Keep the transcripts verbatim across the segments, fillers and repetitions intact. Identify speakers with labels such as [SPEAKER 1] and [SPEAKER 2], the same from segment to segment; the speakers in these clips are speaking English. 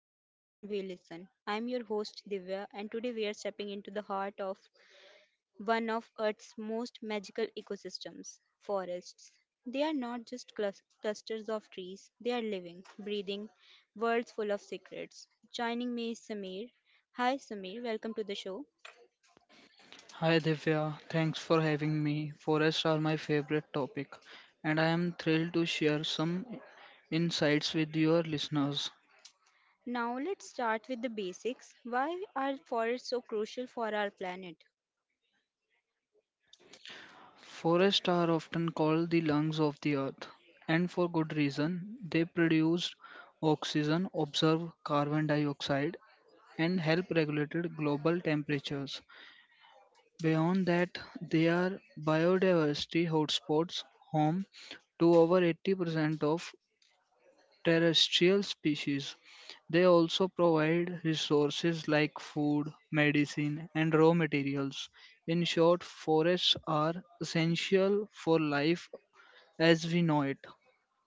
[SPEAKER 1] speaks and we listen. I'm your host Divya, and today we are stepping into the heart of one of Earth's most magical ecosystems forests. They are not just clus- clusters of trees, they are living, breathing worlds full of secrets. Joining me is Samir. Hi, Samir, welcome to the show.
[SPEAKER 2] Hi Divya, thanks for having me. Forests are my favorite topic, and I am thrilled to share some insights with your listeners.
[SPEAKER 1] Now, let's start with the basics. Why are forests so crucial for our planet?
[SPEAKER 2] Forests are often called the lungs of the earth, and for good reason. They produce oxygen, absorb carbon dioxide, and help regulate global temperatures. Beyond that, they are biodiversity hotspots, home to over eighty percent of terrestrial species. They also provide resources like food, medicine, and raw materials. In short, forests are essential for life as we know it.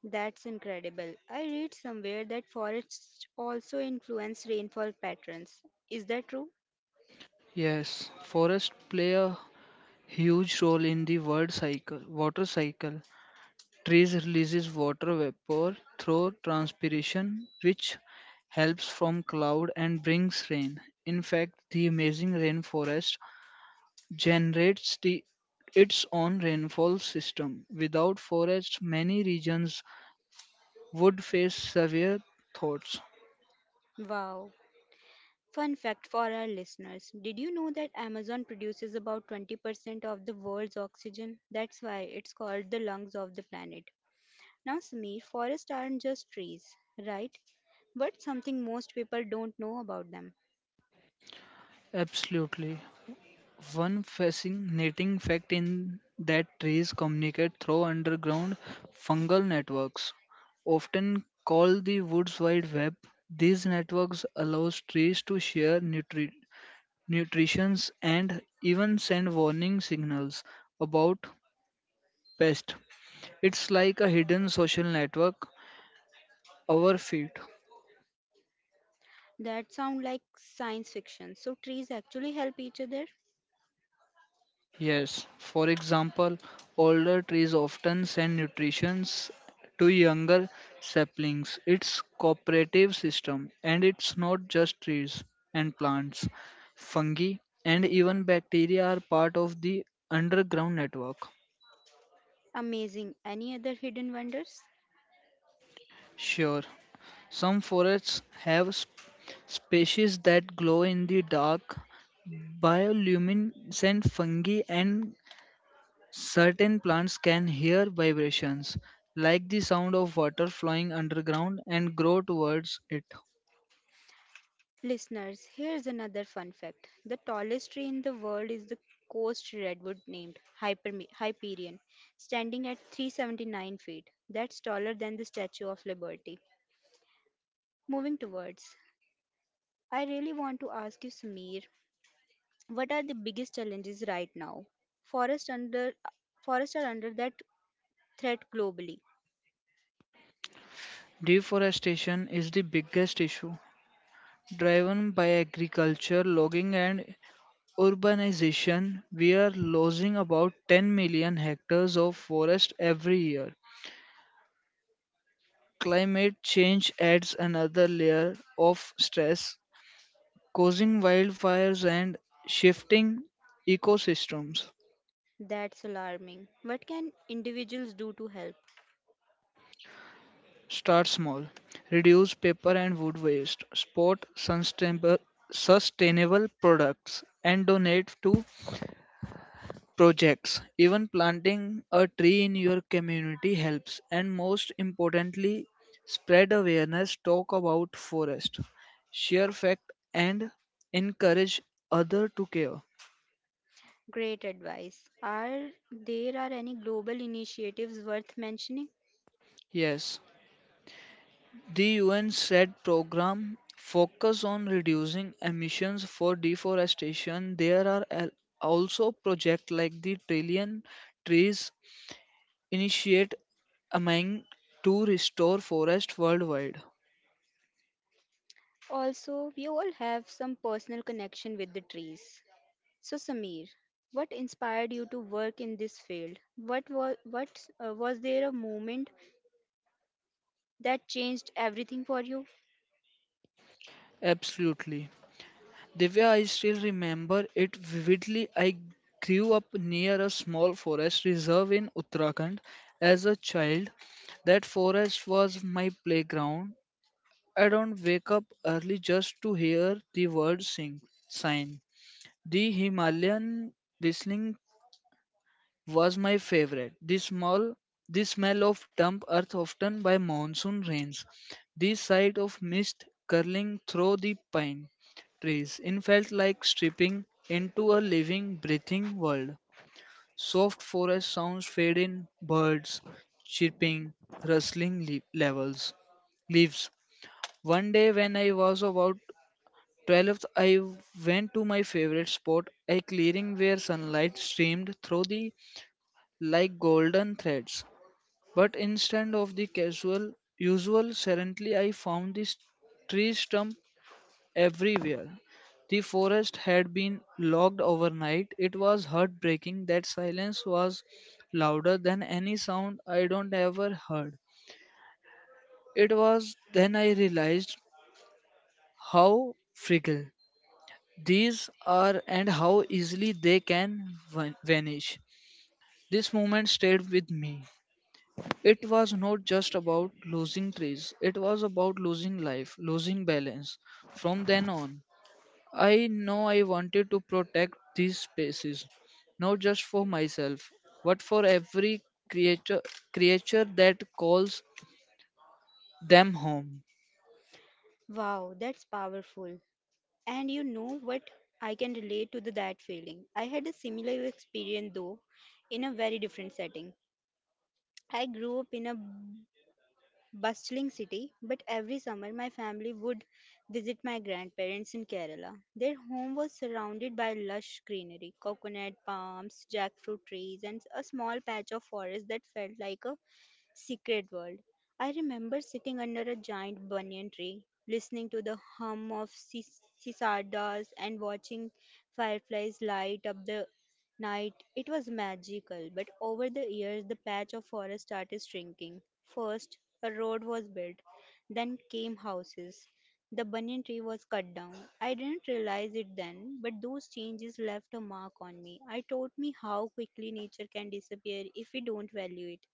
[SPEAKER 1] That's incredible. I read somewhere that forests also influence rainfall patterns. Is that true?
[SPEAKER 2] Yes, forests play a huge role in the world cycle, water cycle. Trees releases water vapor through transpiration, which helps from cloud and brings rain. In fact, the amazing rainforest generates the, its own rainfall system. Without forests, many regions would face severe droughts.
[SPEAKER 1] Wow. Fun fact for our listeners, did you know that Amazon produces about twenty percent of the world's oxygen? That's why it's called the lungs of the planet. Now, Samir, forests aren't just trees, right? But something most people don't know about them.
[SPEAKER 2] Absolutely. One fascinating fact in that trees communicate through underground fungal networks, often called the woods wide web. These networks allows trees to share nutri- nutrition and even send warning signals about pests. It's like a hidden social network, our feet.
[SPEAKER 1] That sound like science fiction. So trees actually help each other?
[SPEAKER 2] Yes, for example, older trees often send nutrition to younger saplings. It's cooperative system, and it's not just trees and plants. Fungi and even bacteria are part of the underground network.
[SPEAKER 1] Amazing. Any other hidden wonders?
[SPEAKER 2] Sure, some forests have sp- species that glow in the dark. Bioluminescent fungi and certain plants can hear vibrations, like the sound of water flowing underground, and grow towards it.
[SPEAKER 1] Listeners, here's another fun fact. The tallest tree in the world is the coast redwood named Hyperme- Hyperion, standing at three hundred seventy-nine feet. That's taller than the Statue of Liberty. Moving towards, I really want to ask you, Samir, what are the biggest challenges right now? Forests under forests are under that threat globally.
[SPEAKER 2] Deforestation is the biggest issue, driven by agriculture, logging, and urbanization. We are losing about ten million hectares of forest every year. Climate change adds another layer of stress, causing wildfires and shifting ecosystems.
[SPEAKER 1] That's alarming. What can individuals do to help?
[SPEAKER 2] Start small. Reduce paper and wood waste. Support sustainable sustainable products and donate to projects. Even planting a tree in your community helps. And most importantly, spread awareness, talk about forest, share fact and encourage other to care.
[SPEAKER 1] Great advice. Are there are any global initiatives worth mentioning?
[SPEAKER 2] Yes. The U N said program focus on reducing emissions for deforestation. There are al- also projects like the Trillion Trees Initiate aiming to restore forest worldwide.
[SPEAKER 1] Also, we all have some personal connection with the trees. So, Samir, what inspired you to work in this field? What was what uh, was there a moment that changed everything for you?
[SPEAKER 2] Absolutely. Divya, I still remember it vividly. I grew up near a small forest reserve in Uttarakhand as a child. That forest was my playground. I don't wake up early just to hear the word sing sign. The Himalayan whistling was my favorite. The small the smell of damp earth often by monsoon rains. The sight of mist curling through the pine trees. It felt like stripping into a living, breathing world. Soft forest sounds fade in, birds chirping, rustling le- levels leaves. One day when I was about twelfth, I went to my favorite spot, a clearing where sunlight streamed through the like golden threads. But instead of the casual, usual serenity, I found this tree stump everywhere. The forest had been logged overnight. It was heartbreaking. That silence was louder than any sound I don't ever heard. It was then I realized how fragile these are, and how easily they can van- vanish. This moment stayed with me. It was not just about losing trees, it was about losing life, losing balance. From then on, I know I wanted to protect these spaces, not just for myself, but for every creature, creature that calls them home.
[SPEAKER 1] Wow, that's powerful. And you know what? I can relate to the, that feeling. I had a similar experience though, in a very different setting. I grew up in a bustling city, but every summer my family would visit my grandparents in Kerala. Their home was surrounded by lush greenery, coconut palms, jackfruit trees, and a small patch of forest that felt like a secret world. I remember sitting under a giant banyan tree, listening to the hum of cis- cicadas and watching fireflies light up the night. It was magical, but over the years, the patch of forest started shrinking. First, a road was built, then came houses. The banyan tree was cut down. I didn't realize it then, but those changes left a mark on me. It taught me how quickly nature can disappear if we don't value it.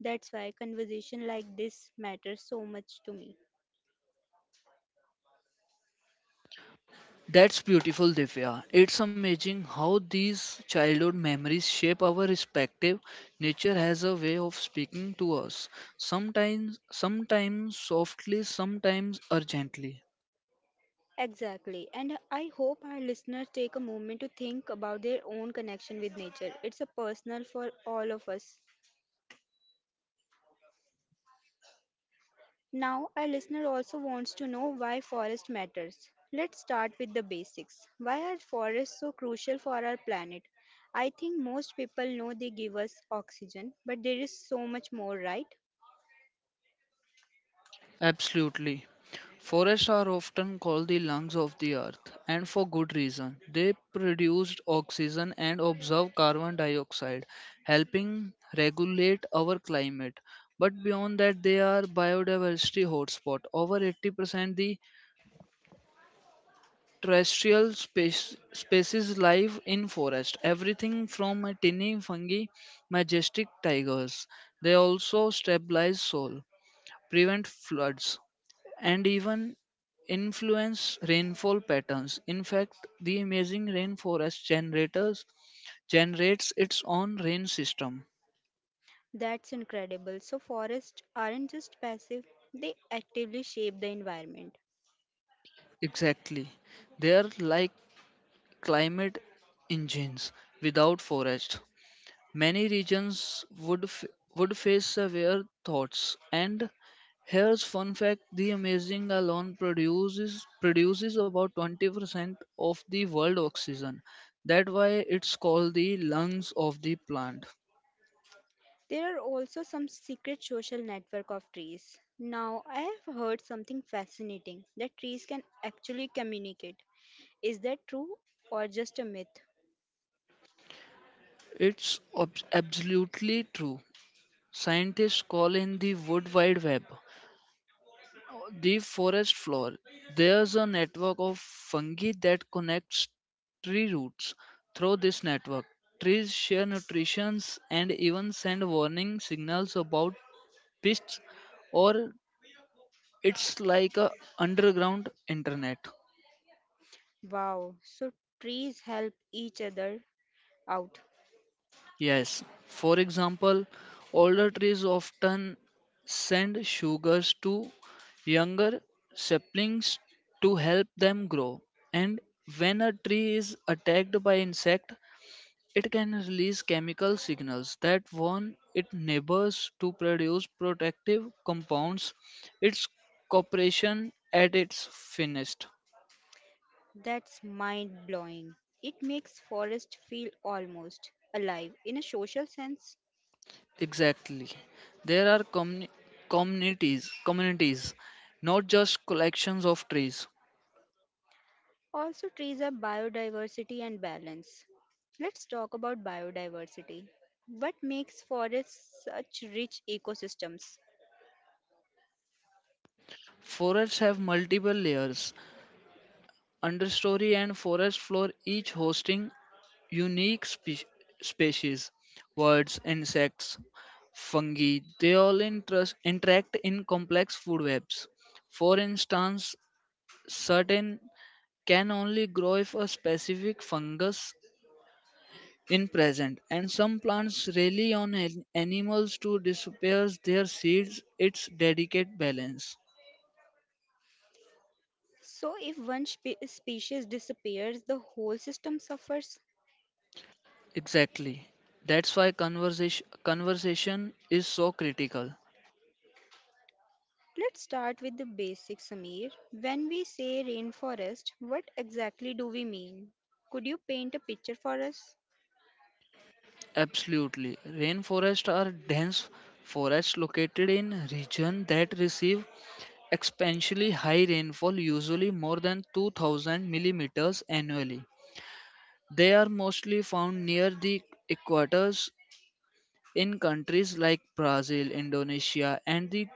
[SPEAKER 1] That's why conversation like this matters so much to me.
[SPEAKER 2] That's beautiful, Divya. It's amazing how these childhood memories shape our respective. Nature has a way of speaking to us, sometimes, sometimes softly, sometimes urgently.
[SPEAKER 1] Exactly. And I hope our listeners take a moment to think about their own connection with nature. It's a personal for all of us. Now, our listener also wants to know why forest matters. Let's start with the basics. Why are forests so crucial for our planet? I think most people know they give us oxygen, but there is so much more, right?
[SPEAKER 2] Absolutely. Forests are often called the lungs of the earth, and for good reason. They produce oxygen and absorb carbon dioxide, helping regulate our climate. But beyond that, they are biodiversity hotspot. Over eighty percent the terrestrial space, species live in forest, everything from a tiny fungi majestic tigers. They also stabilize soil, prevent floods, and even influence rainfall patterns. In fact, the amazing rainforest generators generates its own rain system.
[SPEAKER 1] That's incredible. So, forests aren't just passive, they actively shape the environment.
[SPEAKER 2] Exactly, they are like climate engines. Without forest, many regions would f- would face severe thoughts. And here's fun fact: the amazing alone produces produces about twenty percent of the world oxygen. That's why it's called the lungs of the plant.
[SPEAKER 1] There are also some secret social network of trees. Now, I have heard something fascinating that trees can actually communicate. Is that true or just a myth?
[SPEAKER 2] It's ob- absolutely true. Scientists call in the wood wide web the forest floor. There's a network of fungi that connects tree roots. Through this network, trees share nutrition and even send warning signals about pests, or it's like a underground internet.
[SPEAKER 1] Wow, so trees help each other out.
[SPEAKER 2] Yes, for example, older trees often send sugars to younger saplings to help them grow. And when a tree is attacked by insect, it can release chemical signals that warn its neighbors to produce protective compounds. It's cooperation at its finest.
[SPEAKER 1] That's mind blowing. It makes forest feel almost alive in a social sense.
[SPEAKER 2] Exactly. There are communi- communities, communities, not just collections of trees.
[SPEAKER 1] Also, trees are biodiversity and balance. Let's talk about biodiversity. What makes forests such rich ecosystems?
[SPEAKER 2] Forests have multiple layers, understory and forest floor, each hosting unique spe- species, birds, insects, fungi. They all interest, interact in complex food webs. For instance, certain can only grow if a specific fungus in present, and some plants rely on an- animals to disperse their seeds. Its delicate balance.
[SPEAKER 1] So, if one spe- species disappears, the whole system suffers.
[SPEAKER 2] Exactly, that's why conversation conversation is so critical.
[SPEAKER 1] Let's start with the basics, Samir. When we say rainforest, what exactly do we mean? Could you paint a picture for us?
[SPEAKER 2] Absolutely. Rainforests are dense forests located in regions that receive exponentially high rainfall, usually more than two thousand millimeters annually. They are mostly found near the equators in countries like Brazil, Indonesia, and the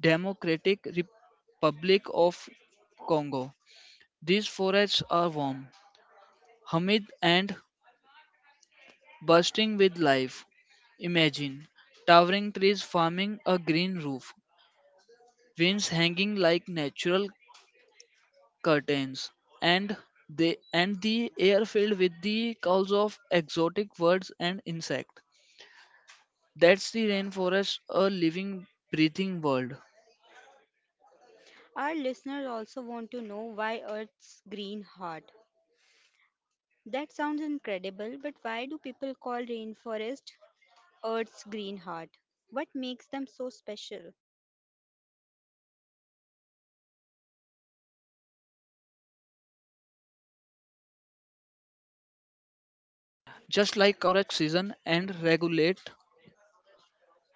[SPEAKER 2] Democratic Republic of Congo. These forests are warm, humid, and bursting with life. Imagine towering trees forming a green roof, winds hanging like natural curtains, and the and the air filled with the calls of exotic birds and insects. That's the rainforest, a living, breathing world.
[SPEAKER 1] Our listeners also want to know why Earth's green heart. That sounds incredible, but why do people call rainforest Earth's green heart. What makes them so special?
[SPEAKER 2] Great question. Just like our heart pumps blood to keep us alive, rainforests pump oxygen and regulate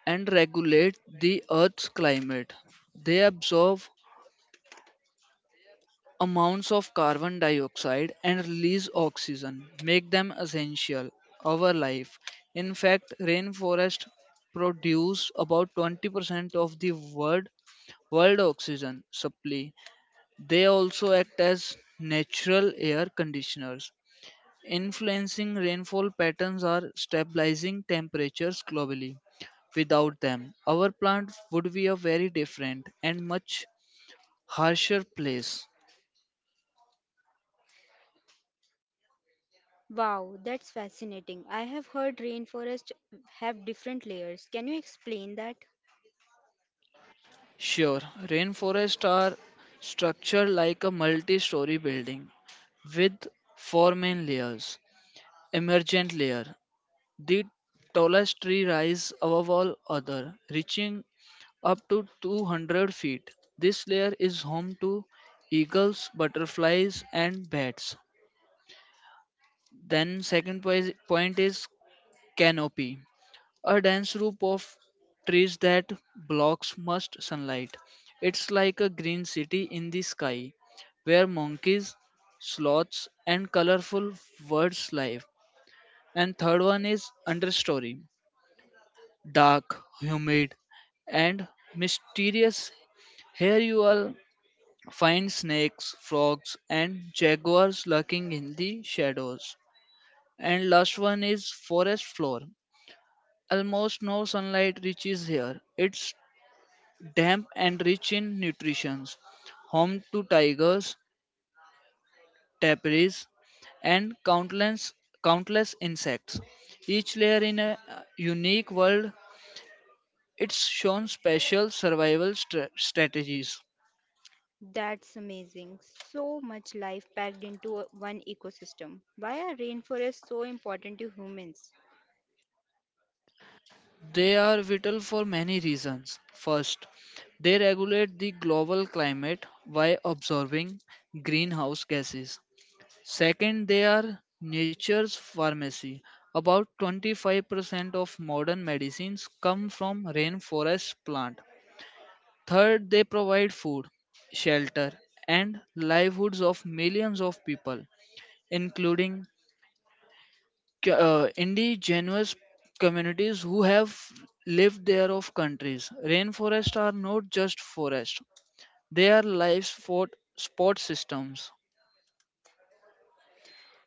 [SPEAKER 2] and regulate the Earth's climate. They absorb amounts of carbon dioxide and release oxygen, make them essential our life. In fact, rainforests produce about twenty percent of the world world oxygen supply. They also act as natural air conditioners, influencing rainfall patterns are stabilizing temperatures globally. Without them, our plant would be a very different and much harsher place.
[SPEAKER 1] Wow, that's fascinating. I have heard rainforests have different layers. Can you explain that?
[SPEAKER 2] Sure, rainforests are structured like a multi story building with four main layers. Emergent layer: the tallest tree rises above all other, reaching up to two hundred feet. This layer is home to eagles, butterflies, and bats. Then, second poi- point is canopy, a dense roof of trees that blocks most sunlight. It's like a green city in the sky, where monkeys, sloths, and colorful birds live. And third one is understory, dark, humid, and mysterious. Here you will find snakes, frogs, and jaguars lurking in the shadows. And last one is forest floor. Almost no sunlight reaches here. It's damp and rich in nutrition. Home to tigers, tapirs, and countless countless insects. Each layer in a uh, unique world. It's shown special survival stra- strategies.
[SPEAKER 1] That's amazing. So much life packed into a- one ecosystem. Why are rainforests so important to humans?
[SPEAKER 2] They are vital for many reasons. First, they regulate the global climate by absorbing greenhouse gases. Second, they are nature's pharmacy. About twenty-five percent of modern medicines come from rainforest plant. Third, they provide food, shelter, and livelihoods of millions of people, including c- uh, indigenous communities who have lived there of countries. Rainforests are not just forests; they are life sport, sport systems.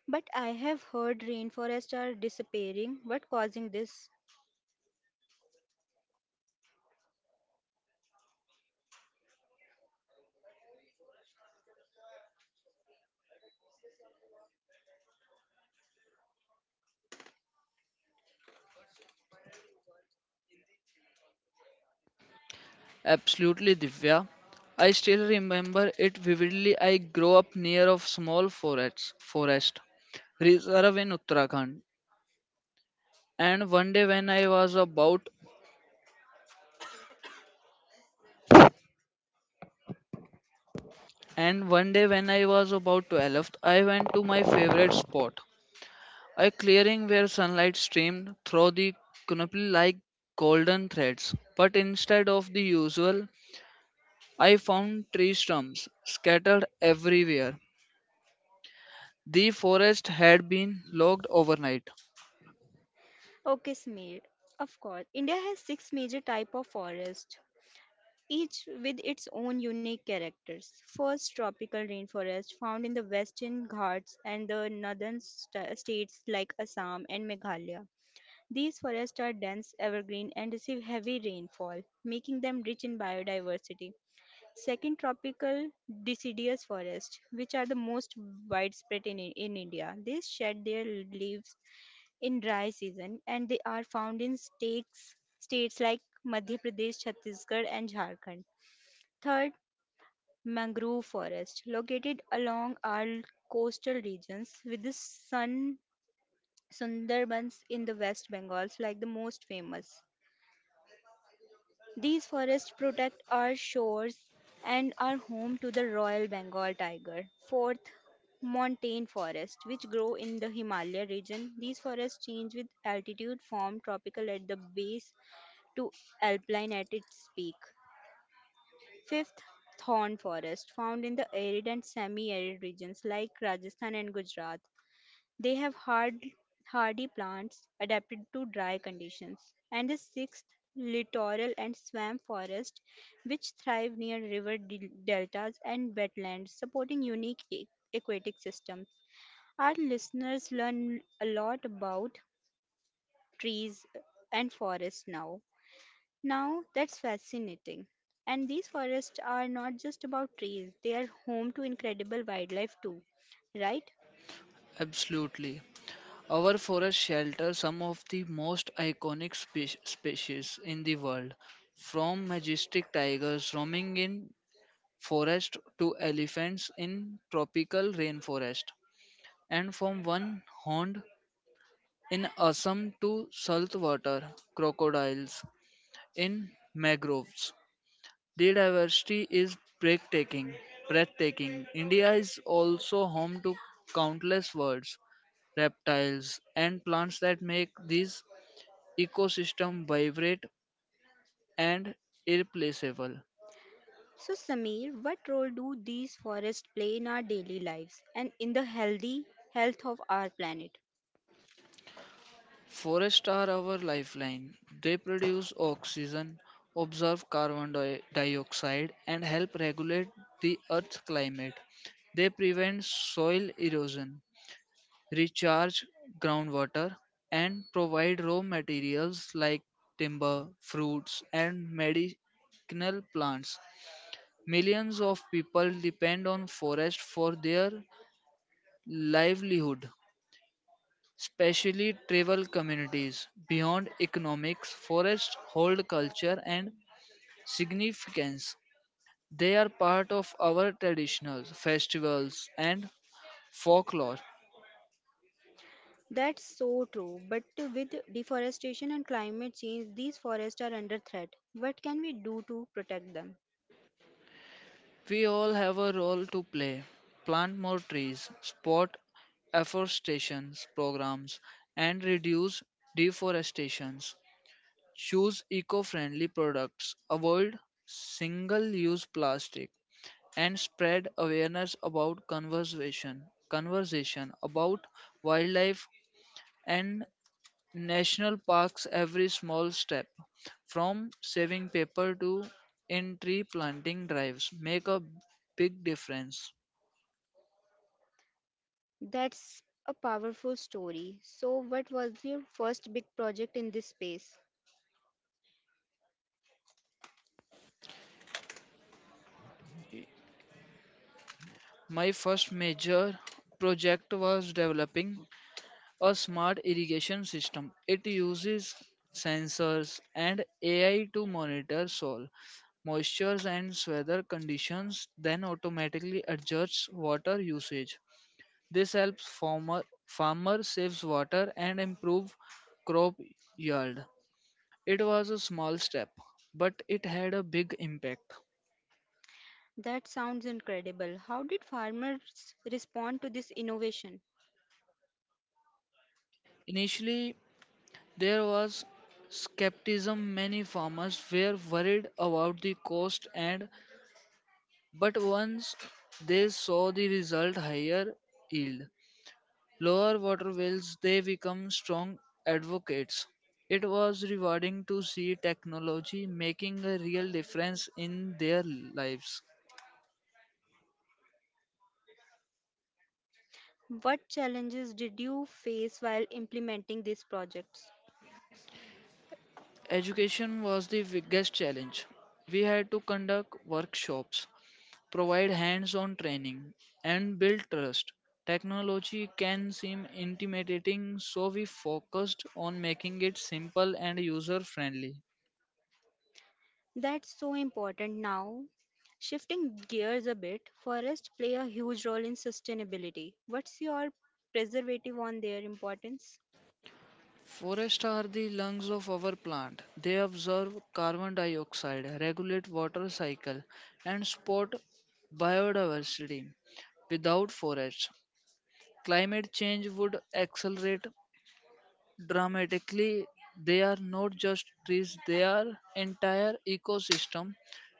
[SPEAKER 1] But I have heard rainforests are disappearing. What causing this?
[SPEAKER 2] Absolutely, Divya. I still remember it vividly. I grew up near of small forests, forest reserve in Uttarakhand, and one day when I was about and one day when I was about twelve, I went to my favorite spot, a clearing where sunlight streamed through the canopy like golden threads. But instead of the usual, I found tree stumps scattered everywhere. The forest had been logged overnight.
[SPEAKER 1] Okay, Smir. Of course, India has six major type of forest. Each with its own unique characters. First, tropical rainforest found in the Western Ghats and the northern sta- states like Assam and Meghalaya. These forests are dense, evergreen, and receive heavy rainfall, making them rich in biodiversity. Second, tropical deciduous forest, which are the most widespread in, in India. They shed their leaves in dry season and they are found in states, states like Madhya Pradesh, Chhattisgarh, and Jharkhand. Third, mangrove forest located along our coastal regions with the sun Sundarbans in the West Bengals like the most famous. These forests protect our shores and are home to the Royal Bengal tiger. Fourth, montane forest, which grow in the Himalaya region. These forests change with altitude, form tropical at the base to alpine at its peak. Fifth, thorn forest found in the arid and semi-arid regions like Rajasthan and Gujarat. They have hard, hardy plants adapted to dry conditions. And the sixth, littoral and swamp forest, which thrive near river del- deltas and wetlands, supporting unique a- aquatic systems. Our listeners learn a lot about trees and forests now. Now that's fascinating. And these forests are not just about trees, they are home to incredible wildlife too, right?
[SPEAKER 2] Absolutely. Our forests shelter some of the most iconic spe- species in the world, from majestic tigers roaming in forest to elephants in tropical rainforest, and from one horned in Assam to saltwater crocodiles in mangroves. The diversity is breathtaking. Breathtaking. India is also home to countless birds, reptiles, and plants that make this ecosystem vibrant and irreplaceable.
[SPEAKER 1] So, Samir, what role do these forests play in our daily lives and in the healthy health of our planet?
[SPEAKER 2] Forests are our lifeline. They produce oxygen, absorb carbon di- dioxide, and help regulate the Earth's climate. They prevent soil erosion, recharge groundwater, and provide raw materials like timber, fruits, and medicinal plants. Millions of people depend on forests for their livelihood, especially tribal communities. Beyond economics, forests hold culture and significance. They are part of our traditions, festivals, and folklore.
[SPEAKER 1] That's so true, but with deforestation and climate change, these forests are under threat. What can we do to protect them?
[SPEAKER 2] We all have a role to play. Plant more trees, support afforestation programs, and reduce deforestation. Choose eco friendly products, avoid single use plastic, and spread awareness about conservation, conversation about wildlife and national parks. Every small step, from saving paper to in tree planting drives, make a big difference.
[SPEAKER 1] That's a powerful story. So, what was your first big project in this space?
[SPEAKER 2] My first major project was developing a smart irrigation system. It uses sensors and A I to monitor soil moisture and weather conditions, then automatically adjusts water usage. This helps farmer farmer saves water and improve crop yield. It was a small step, but it had a big impact.
[SPEAKER 1] That sounds incredible. How did farmers respond to this innovation?
[SPEAKER 2] Initially, there was skepticism. Many farmers were worried about the cost and. But once they saw the result, higher yield, lower water wells, they become strong advocates. It was rewarding to see technology making a real difference in their lives.
[SPEAKER 1] What challenges did you face while implementing these projects?
[SPEAKER 2] Education was the biggest challenge. We had to conduct workshops, provide hands on training, and build trust. Technology can seem intimidating, so we focused on making it simple and user friendly.
[SPEAKER 1] That's so important now. Shifting gears a bit, forests play a huge role in sustainability. What's your preservative on their importance?
[SPEAKER 2] Forests are the lungs of our plant. They absorb carbon dioxide, regulate water cycle, and support biodiversity. Without forests, climate change would accelerate dramatically. They are not just trees, they are entire ecosystem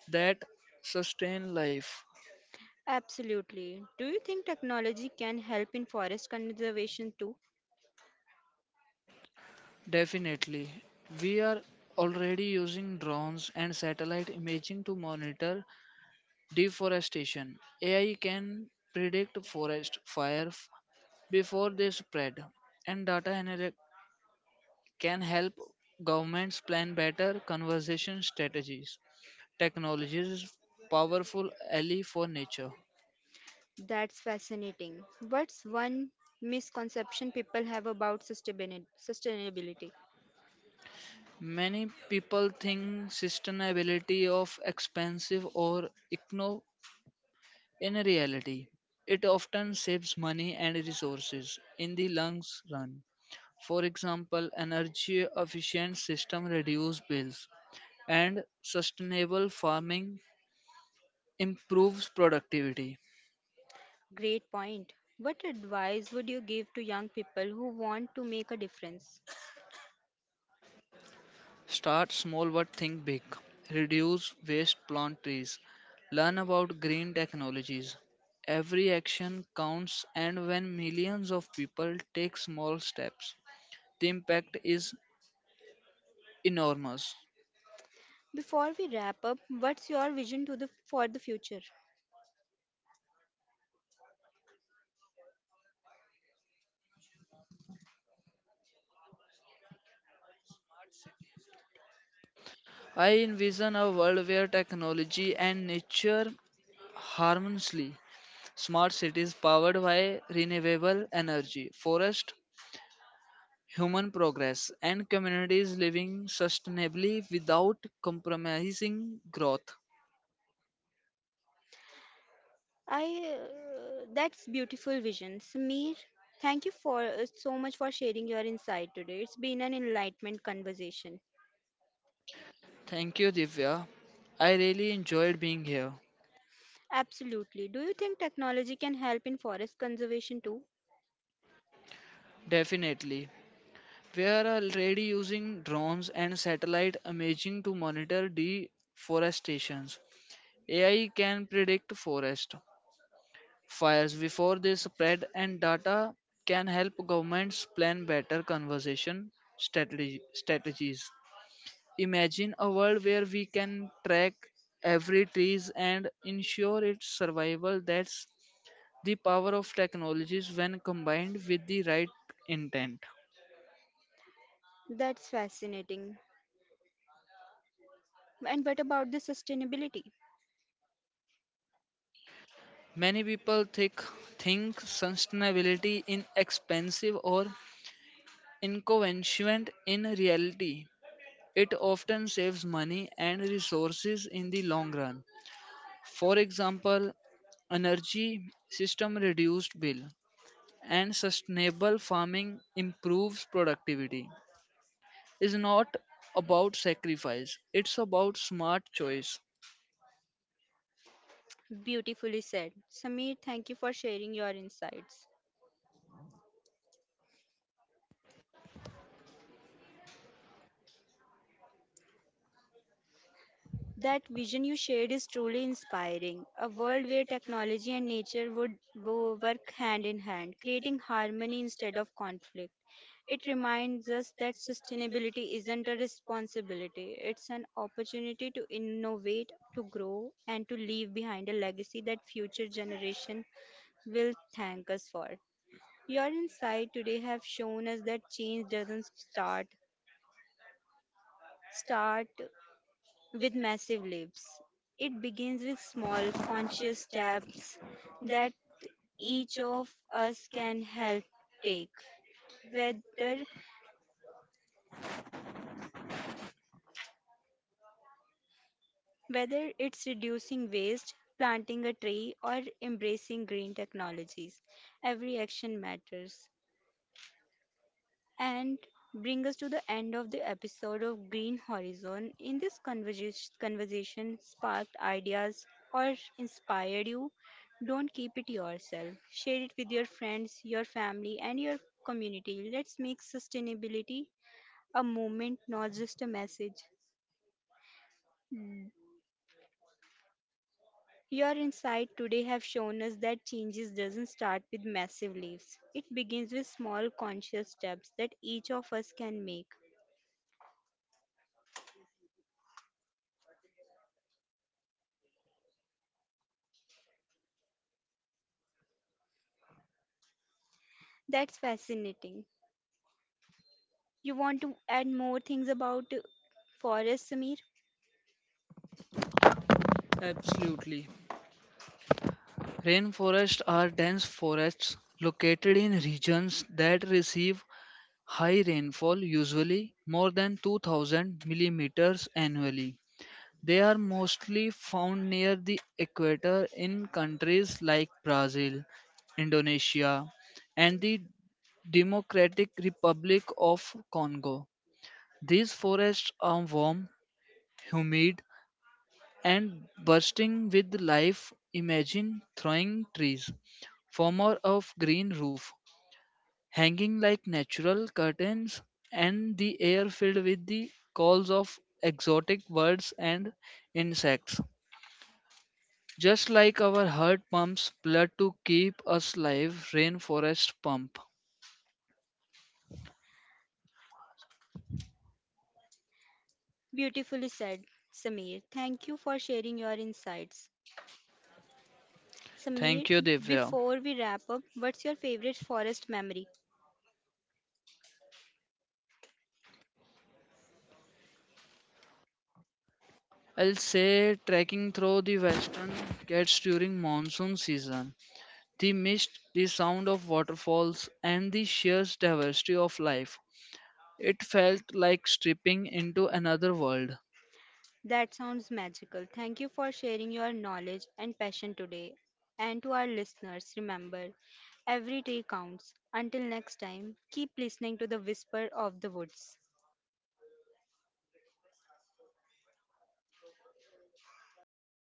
[SPEAKER 2] that sustain life.
[SPEAKER 1] Absolutely. Do you think technology can help in forest conservation too?
[SPEAKER 2] Definitely. We are already using drones and satellite imaging to monitor deforestation. A I can predict forest fires before they spread, and data analytics can help governments plan better conservation strategies. Technology is powerful ally for nature.
[SPEAKER 1] That's fascinating. What's one misconception people have about sustainabili- sustainability?
[SPEAKER 2] Many people think sustainability of expensive or econo. In reality, it often saves money and resources in the long run. For example, energy-efficient systems reduce bills, and sustainable farming improves productivity.
[SPEAKER 1] Great point. What advice would you give to young people who want to make a difference?
[SPEAKER 2] Start small but think big. Reduce waste, plant trees, learn about green technologies. Every action counts, and when millions of people take small steps, the impact is enormous.
[SPEAKER 1] Before we wrap up, what's your vision to the for the future?
[SPEAKER 2] I envision a world where technology and nature harmoniously smart cities powered by renewable energy, forest, human progress, and communities living sustainably without compromising growth.
[SPEAKER 1] I uh, that's beautiful vision, Samir. Thank you for uh, so much for sharing your insight today. It's been an enlightenment conversation.
[SPEAKER 2] Thank you, Divya. I really enjoyed being here.
[SPEAKER 1] Absolutely. Do you think technology can help in forest conservation too?
[SPEAKER 2] Definitely. We are already using drones and satellite imaging to monitor deforestations. A I can predict forest fires before they spread, and data can help governments plan better conservation strategy, strategies. Imagine a world where we can track every trees and ensure its survival. That's the power of technologies when combined with the right intent.
[SPEAKER 1] That's fascinating. And what about the sustainability?
[SPEAKER 2] Many people think think sustainability in expensive or inconvenient. In reality, it often saves money and resources in the long run. For example, energy system reduced bill and sustainable farming improves productivity. Is not about sacrifice, it's about smart choice.
[SPEAKER 1] Beautifully said. Samir, thank you for sharing your insights. That vision you shared is truly inspiring. A world where technology and nature would wo- work hand in hand, creating harmony instead of conflict. It reminds us that sustainability isn't a responsibility, it's an opportunity to innovate, to grow, and to leave behind a legacy that future generations will thank us for. Your insight today have shown us that change doesn't start start with massive leaps. It begins with small, conscious steps that each of us can help take, whether, whether it's reducing waste, planting a tree, or embracing green technologies. Every action matters. And bring us to the end of the episode of Green Horizon. In this conversa- conversation, sparked ideas or inspired you, don't keep it yourself. Share it with your friends, your family, and your community. Let's make sustainability a movement, not just a message. Your insight today have shown us that changes doesn't start with massive leaps. It begins with small conscious steps that each of us can make. That's fascinating. You want to add more things about uh, forest, Samir?
[SPEAKER 2] Absolutely. Rainforests are dense forests located in regions that receive high rainfall, usually more than 2000 millimeters annually. They are mostly found near the equator in countries like Brazil, Indonesia, and the Democratic Republic of Congo. These forests are warm, humid, and bursting with life. Imagine throwing trees, former of green roof, hanging like natural curtains, and the air filled with the calls of exotic birds and insects. Just like our heart pumps blood to keep us alive, rainforest pump.
[SPEAKER 1] Beautifully said, Samir. Thank you for sharing your insights. Samir,
[SPEAKER 2] Thank you, Divya.
[SPEAKER 1] before we wrap up, what's your favorite forest memory?
[SPEAKER 2] I'll say trekking through the western Ghats during monsoon season. The mist, the sound of waterfalls, and the sheer diversity of life. It felt like stripping into another world.
[SPEAKER 1] That sounds magical. Thank you for sharing your knowledge and passion today. And to our listeners, remember, every day counts. Until next time, keep listening to the whisper of the woods.